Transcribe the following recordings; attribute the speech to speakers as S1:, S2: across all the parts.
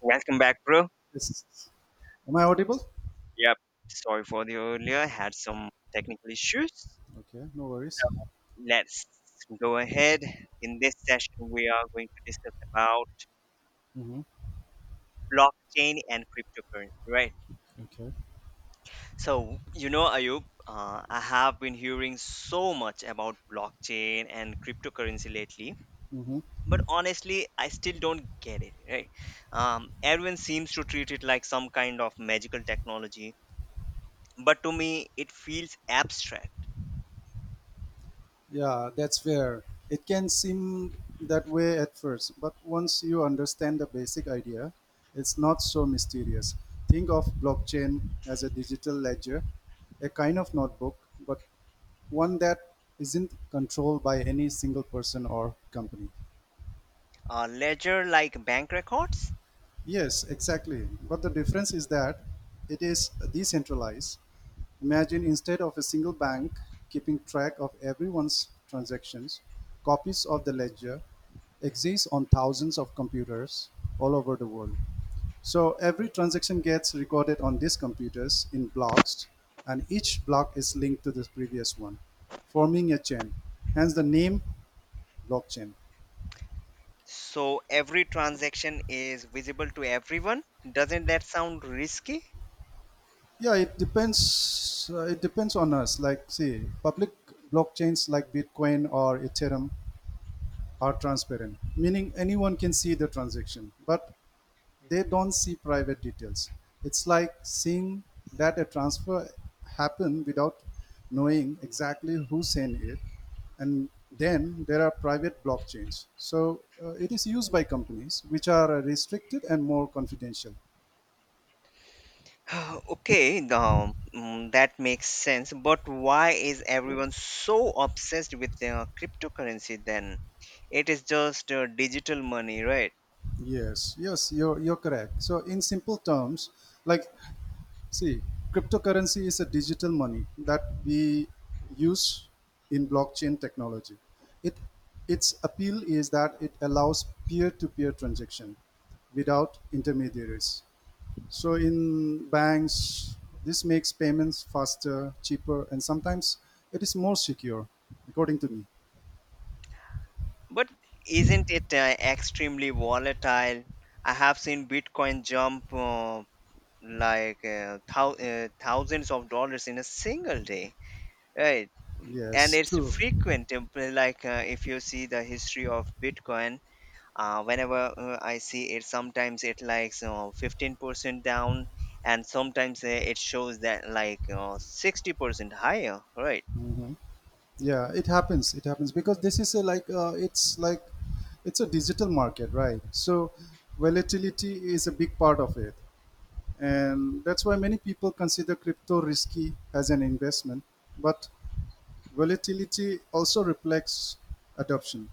S1: Welcome back, bro.
S2: Yes. Am I audible?
S1: Yep. Sorry for the earlier. I had some technical issues.
S2: Okay, no worries.
S1: So let's go ahead. In this session, we are going to discuss about
S2: hmm
S1: blockchain and cryptocurrency, right?
S2: Okay.
S1: So Ayub, I have been hearing so much about blockchain and cryptocurrency lately,
S2: hmm
S1: but honestly, I still don't get it, right? Everyone seems to treat it like some kind of magical technology, but to me, it feels abstract.
S2: Yeah, that's fair. It can seem that way at first, but once you understand the basic idea, it's not so mysterious. Think of blockchain as a digital ledger, a kind of notebook, but one that isn't controlled by any single person or company.
S1: A ledger like bank records?
S2: Yes, exactly. But the difference is that it is decentralized. Imagine instead of a single bank keeping track of everyone's transactions, copies of the ledger exist on thousands of computers all over the world. So every transaction gets recorded on these computers in blocks, and each block is linked to the previous one, forming a chain, hence the name blockchain.
S1: So every transaction is visible to everyone. Doesn't that sound risky?
S2: Yeah, it depends. It depends on us. Like, see, public blockchains like Bitcoin or Ethereum are transparent, meaning anyone can see the transaction, but they don't see private details. It's like seeing that a transfer happen without knowing exactly who sent it, and then there are private blockchains. So it is used by companies which are restricted and more confidential.
S1: Okay, that makes sense, but why is everyone so obsessed with the cryptocurrency then? It is just digital money, right?
S2: Yes, yes, you're correct. So in simple terms, like, see, cryptocurrency is a digital money that we use in blockchain technology. It, its appeal is that it allows peer-to-peer transaction without intermediaries. So in banks, this makes payments faster, cheaper, and sometimes it is more secure, according to me.
S1: But isn't it extremely volatile? I have seen bitcoin jump like thousands of dollars in a single day, right? And
S2: Yes,
S1: it's
S2: true.
S1: frequent. If you see the history of bitcoin, whenever I see it, sometimes it like 15% down, and sometimes it shows that like 60% higher, right?
S2: Mhm. Yeah, it happens because this is a like it's like it's a digital market, right? So volatility is a big part of it, and that's why many people consider crypto risky as an investment. But volatility also reflects adoption,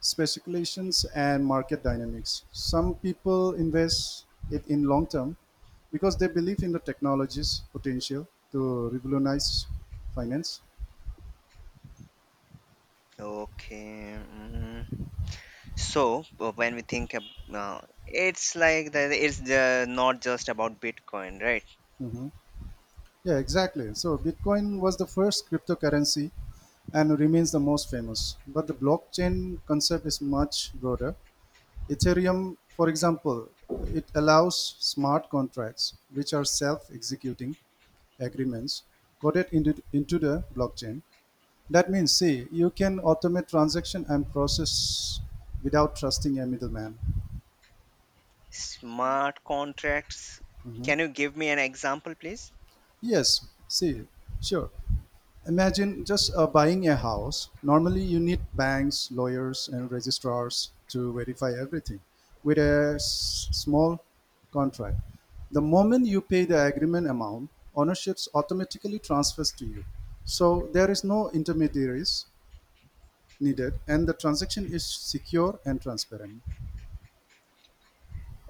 S2: speculations and market dynamics. Some people invest it in long term because they believe in the technology's potential to revolutionize finance.
S1: Okay. Mm. So when we think ab- it's like, not just about bitcoin, right?
S2: Mhm. Yeah, exactly. So Bitcoin was the first cryptocurrency and remains the most famous. But the blockchain concept is much broader. Ethereum, for example, it allows smart contracts, which are self executing agreements, coded into the blockchain. That means, see, you can automate transaction and process without trusting a middleman.
S1: Smart contracts,
S2: Mhm.
S1: can you give me an example, please?
S2: Yes, see, sure. Imagine just buying a house. Normally, you need banks, lawyers, and registrars to verify everything. With a small contract, the moment you pay the agreement amount, ownership automatically transfers to you. So there is no intermediaries needed, and the transaction is secure and transparent.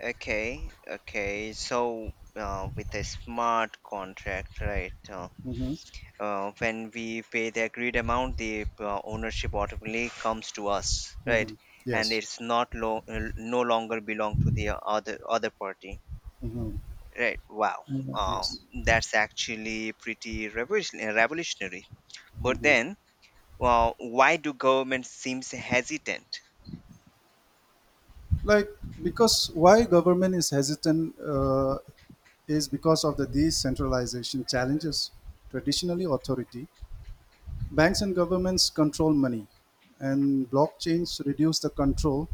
S1: Okay, okay. So, with a smart contract, right?
S2: hmm
S1: When we pay the agreed amount, the ownership automatically comes to us, right?
S2: hmm
S1: And
S2: Yes.
S1: it's not lo- no longer belong to the other party,
S2: hmm
S1: right? Wow, um,
S2: yes.
S1: that's actually pretty revolutionary. But
S2: Mhm.
S1: then, well, why do government seems hesitant?
S2: Like, because why government is hesitant is because of the decentralization challenges. Traditionally authority, banks and governments control money, and blockchains reduce the control.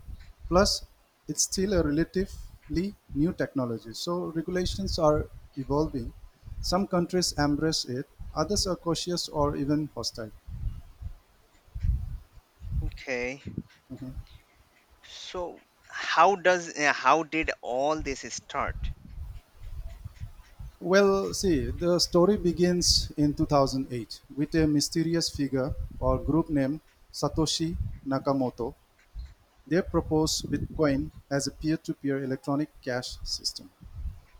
S2: Plus, it's still a relatively new technology, so regulations are evolving. Some countries embrace it, others are cautious or even hostile.
S1: Okay,
S2: Mm-hmm.
S1: so how did all this start?
S2: Well, see, the story begins in 2008 with a mysterious figure or group named Satoshi Nakamoto. They proposed Bitcoin as a peer to peer electronic cash system.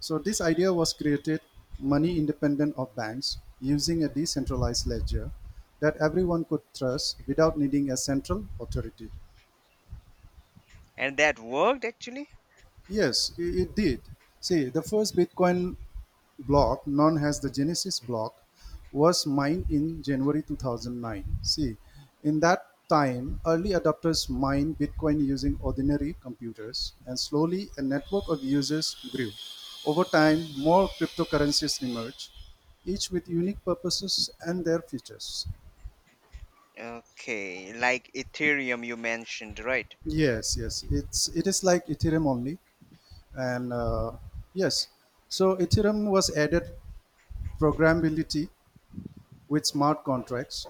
S2: So, this idea was created money independent of banks using a decentralized ledger that everyone could trust without needing a central authority.
S1: And that worked actually?
S2: Yes, it did. See, the first Bitcoin block, known as the Genesis block, was mined in January 2009. See, in that time, early adopters mined Bitcoin using ordinary computers, and slowly a network of users grew. Over time, more cryptocurrencies emerged, each with unique purposes and their features.
S1: Okay, like Ethereum you mentioned, right?
S2: Yes, yes, it is like Ethereum only, and yes, so Ethereum was added programmability with smart contracts.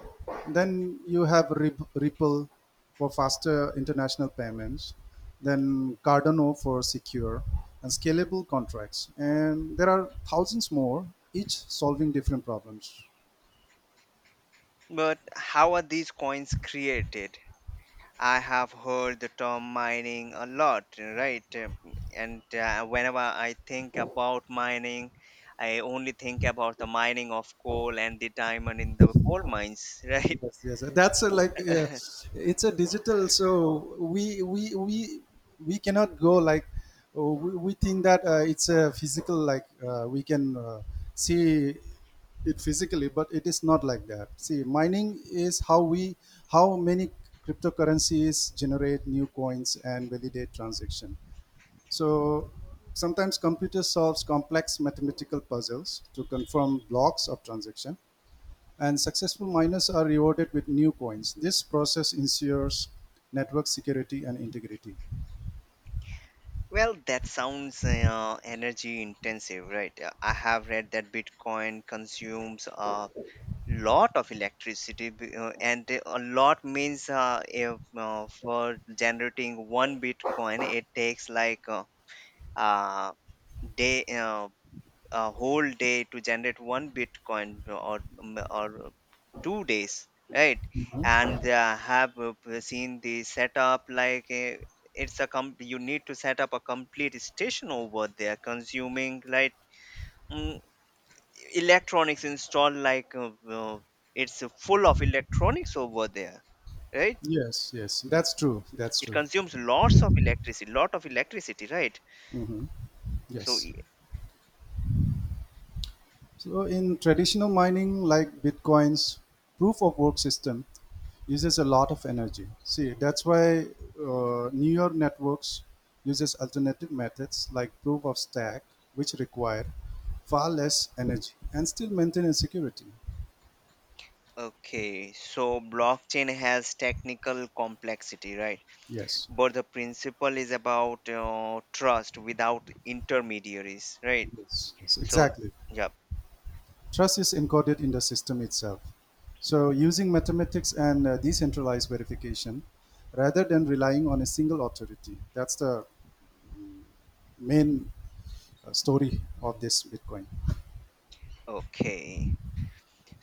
S2: Then you have Ripple for faster international payments, then Cardano for secure and scalable contracts. And there are thousands more, each solving different problems.
S1: But how are these coins created? I have heard the term mining a lot, right? And whenever I think about mining, I only think about the mining of coal and the diamond in the coal mines, right?
S2: Yes, yes, that's a, like it's a digital, so we cannot go like, oh, we think that it's a physical, like we can see it physically, but it is not like that. See, mining is how we how many cryptocurrencies generate new coins and validate transaction. So sometimes computer solves complex mathematical puzzles to confirm blocks of transaction, and successful miners are rewarded with new coins. This process ensures network security and integrity.
S1: Well, that sounds energy intensive, right? I have read that Bitcoin consumes lot of electricity b- and a lot means if, for generating one bitcoin it takes like uh, day a whole day to generate one bitcoin or 2 days, right? And seen the setup like you need to set up a complete station over there consuming like mm, electronics installed like it's full of electronics over there, right?
S2: Yes, yes, that's true. That's
S1: It
S2: true.
S1: consumes lots of electricity, lot of electricity, right?
S2: hmm
S1: so
S2: Yes.
S1: e-
S2: So in traditional mining, like Bitcoin's proof of work system, uses a lot of energy. See, that's why newer networks uses alternative methods like proof of stack, which require far less energy and still maintain security.
S1: okay, so blockchain has technical complexity, right?
S2: Yes.
S1: But the principle is about trust without intermediaries, right?
S2: Yes, yes,
S1: So
S2: exactly.
S1: yeah.
S2: Trust is encoded in the system itself. So, using mathematics and decentralized verification rather than relying on a single authority. That's the main story of this Bitcoin.
S1: Okay.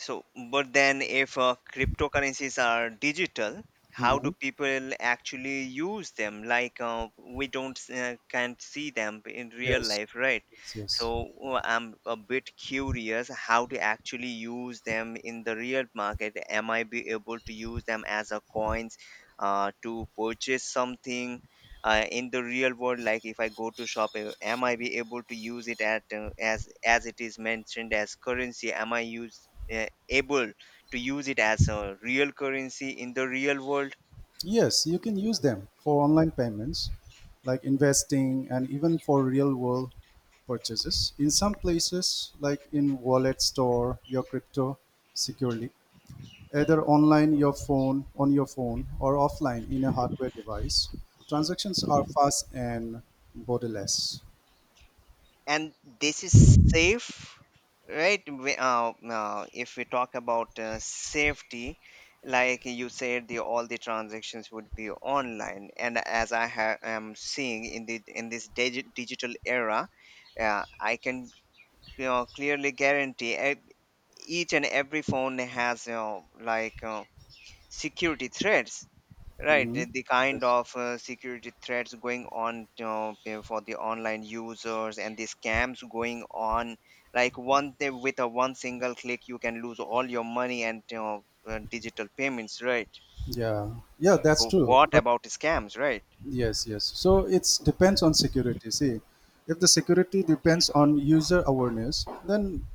S1: So, but then if cryptocurrencies are digital, how do
S2: Mhm.
S1: people actually use them? Like we don't s- can't see them in real
S2: Yes.
S1: life, right?
S2: Yes,
S1: So
S2: yes,
S1: I'm a bit curious how to actually use them in the real market. Am I be able to use them as a coins to purchase something in the real world? Like if I go to shop, am I be able to use it at as it is mentioned as currency? Am I use able to use it as a real currency in the real world?
S2: yes. You can use them for online payments, like investing, and even for real-world purchases. In some places, like in wallet store, your crypto securely. Either online your phone on your phone or offline in a hardware device, transactions are fast and borderless.
S1: And this is safe, right? If we talk about safety, like you said, the all the transactions would be online, and as I am seeing in the in this digital era, I can, you know, clearly guarantee each and every phone has, you know, like security threats. Right,
S2: hmm
S1: the kind
S2: Yes.
S1: of security threats going on, you for the online users and the scams going on. Like with a one single click, you can lose all your money and you digital payments. Right.
S2: Yeah. Yeah, that's
S1: So
S2: true.
S1: what
S2: But
S1: about scams? Right.
S2: yes, yes. So it's depends on security. See, if the security depends on user awareness, then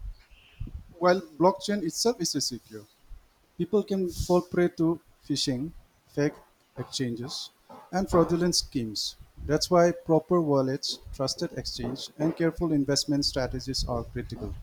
S2: while blockchain itself is secure. People can fall prey to phishing, fake exchanges, and fraudulent schemes. That's why proper wallets, trusted exchange, and careful investment strategies are critical.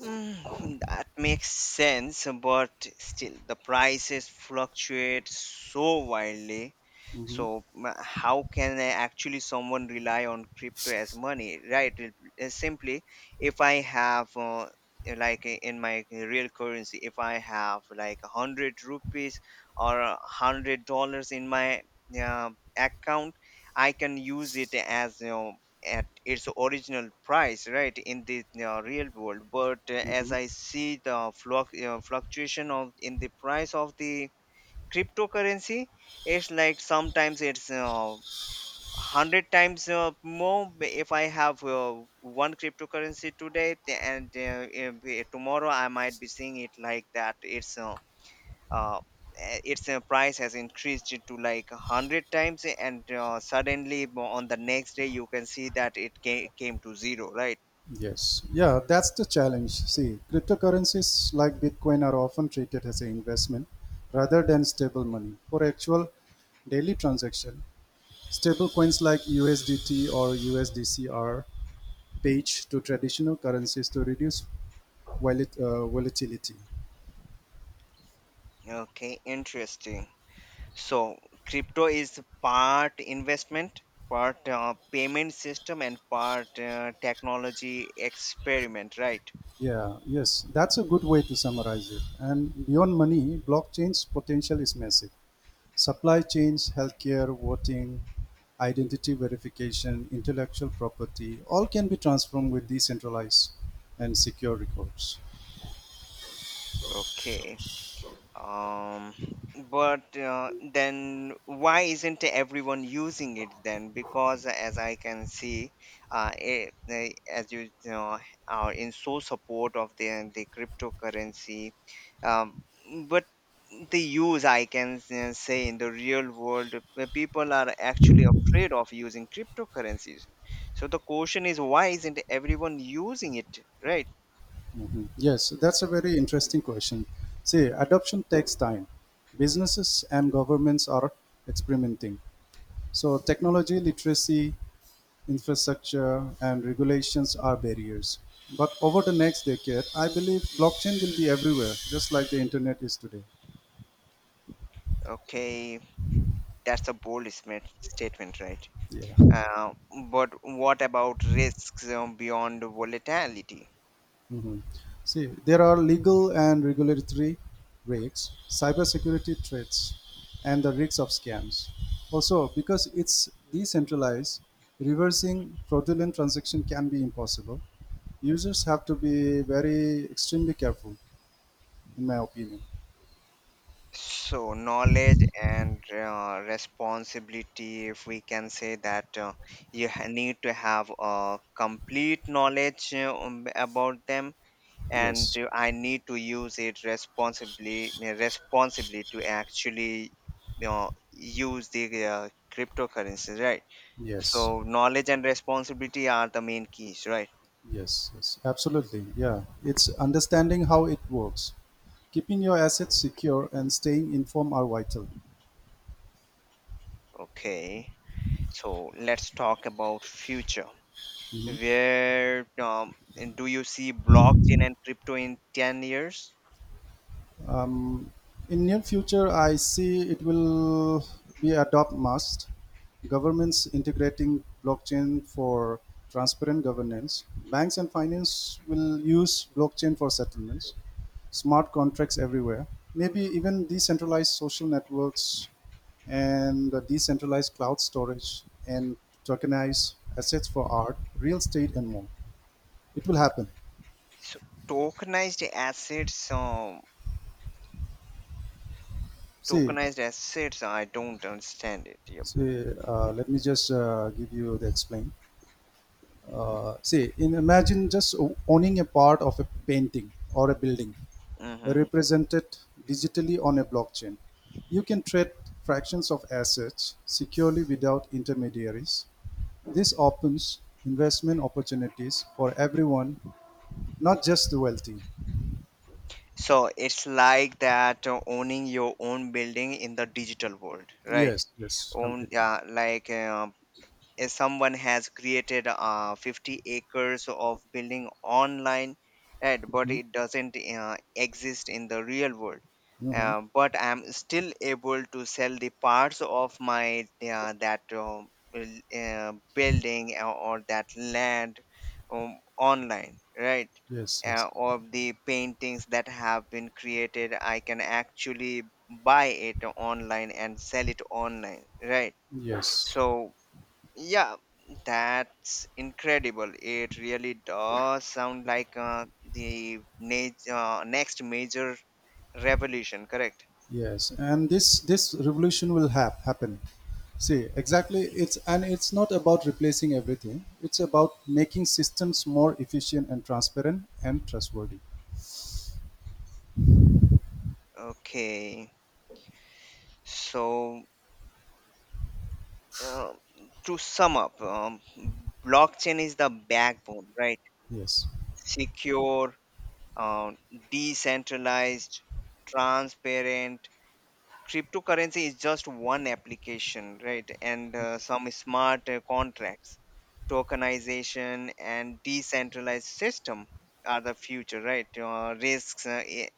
S1: Mm, that makes sense, but still the prices fluctuate so wildly.
S2: hmm
S1: How can I actually someone rely on crypto as money, right? Simply, if I have in my real currency, if I have like 100 rupees or $100 in my uh, account, I can use it as, you know, at its original price, right, in the real world. But uh, as
S2: hmm
S1: i see the fluctuation of in the price of the cryptocurrency, it's like sometimes it's 100 times more. If I have one cryptocurrency today th- and if, tomorrow I might be seeing it like that it's uh, its price has increased to like a 100 times, and suddenly on the next day you can see that it came to zero, right?
S2: Yes. Yeah, that's the challenge. See, cryptocurrencies like Bitcoin are often treated as an investment rather than stable money. For actual daily transaction, stable coins like USDT or USDC are page to traditional currencies to reduce volatility.
S1: Okay, interesting. So crypto is part investment, part payment system, and part technology experiment, right?
S2: Yeah, yes, that's a good way to summarize it. And beyond money, blockchain's potential is massive. Supply chains, healthcare, voting, identity verification, intellectual property, all can be transformed with decentralized and secure records.
S1: Okay. um but then, why isn't everyone using it then? Because as I can see, as you know, are in so support of the cryptocurrency. um but the use I can say in the real world, where people are actually afraid of using cryptocurrencies, so the question is why isn't everyone using it, right?
S2: Mhm. Yes, that's a very interesting question. See, adoption takes time. Businesses and governments are experimenting. So, technology literacy, infrastructure and regulations are barriers. But over the next decade, I believe blockchain will be everywhere, just like the internet is today.
S1: Okay, that's a bold statement, right?
S2: Yeah.
S1: Uh, but what about risks beyond volatility?
S2: Mhm. See, there are legal and regulatory risks, cybersecurity threats, and the risks of scams. Also, because it's decentralized, reversing fraudulent transaction can be impossible. Users have to be very extremely careful, in my opinion.
S1: So, knowledge and responsibility, if we can say that, need to have a complete knowledge about them, and
S2: Yes.
S1: I need to use it responsibly, responsibly to actually, you know, use the cryptocurrencies, right?
S2: Yes.
S1: So, knowledge and responsibility are the main keys, right?
S2: Yes, yes, absolutely. Yeah, it's understanding how it works. Keeping your assets secure and staying informed are vital.
S1: Okay. So let's talk about future.
S2: Mhm.
S1: Where do you see blockchain and crypto in 10 years?
S2: Um, in near future, I see it will be adopt must governments integrating blockchain for transparent governance. Banks and finance will use blockchain for settlements, smart contracts everywhere. Maybe even decentralized social networks and the decentralized cloud storage and tokenized assets for art, real estate, and more. It will happen.
S1: So tokenized assets, um,
S2: See,
S1: tokenized assets, I don't understand it. Yep.
S2: see let me just give you the explain. See, in imagine just owning a part of a painting or a building,
S1: Hmm.
S2: represented digitally on a blockchain. You can trade fractions of assets securely without intermediaries. This opens investment opportunities for everyone, not just the wealthy.
S1: So it's like that owning your own building in the digital world, right?
S2: Yes, yes,
S1: Own,
S2: completely.
S1: yeah, like if someone has created 50 acres of building online, right, but
S2: Mhm,
S1: it doesn't exist in the real world.
S2: mhm.
S1: But I'm still able to sell the parts of my that building, or that land, online, right?
S2: Yes, yes,
S1: Or the paintings that have been created, I can actually buy it online and sell it online, right?
S2: yes.
S1: So yeah, that's incredible. It really does sound like the next major revolution, correct?
S2: Yes, and this revolution will happen. See, exactly. It's, and it's not about replacing everything. It's about making systems more efficient and transparent and trustworthy.
S1: Okay. So, uh, to sum up, blockchain is the backbone, right?
S2: Yes,
S1: Secure, uh, decentralized, transparent. Cryptocurrency is just one application, right? And some smart contracts, tokenization, and decentralized system are the future, right? Risks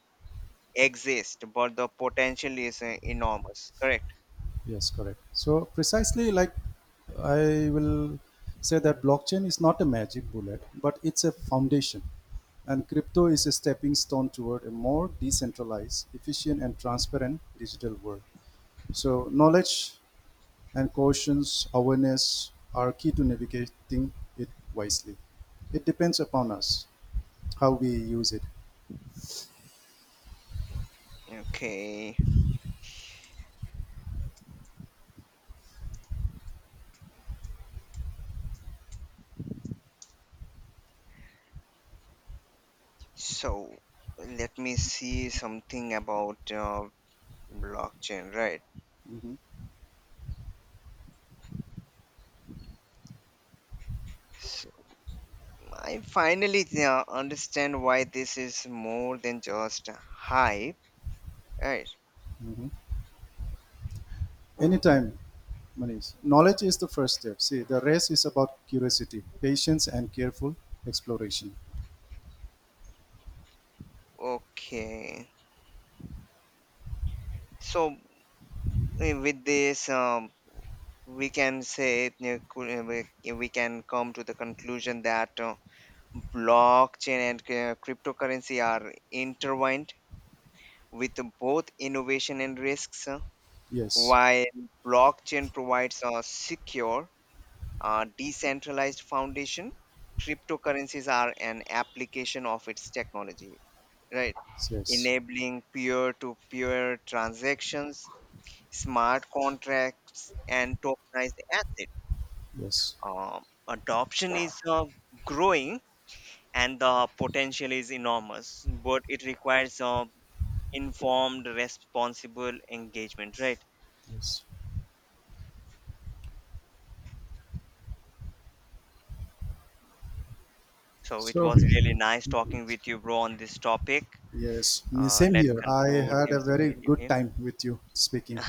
S1: exist, but the potential is enormous, correct?
S2: yes, correct. So precisely, like I will say that blockchain is not a magic bullet, but it's a foundation, and crypto is a stepping stone toward a more decentralized, efficient, and transparent digital world. So knowledge and conscious awareness are key to navigating it wisely. It depends upon us how we use it.
S1: Okay, so let me see something about blockchain, right?
S2: Mhm,
S1: So I finally understand why this is more than just hype, right?
S2: mhm. Anytime, Manish. Knowledge is the first step. See, the rest is about curiosity, patience, and careful exploration.
S1: Okay. So with this, we can say eh, cou- eh, we can come to the conclusion that blockchain and cryptocurrency are intertwined with both innovation and risks.
S2: Yes,
S1: While blockchain provides a secure, decentralized foundation, cryptocurrencies are an application of its technology, right?
S2: yes,
S1: Enabling peer-to-peer transactions, smart contracts, and tokenized assets.
S2: yes,
S1: Adoption is growing, and the potential is enormous, but it requires informed, responsible engagement, right?
S2: yes.
S1: So it
S2: So,
S1: was really nice talking with you, bro, on this topic.
S2: yes, same
S1: Let's
S2: here. I
S1: conclude
S2: had a
S1: this
S2: very
S1: video
S2: good
S1: here.
S2: time with you speaking.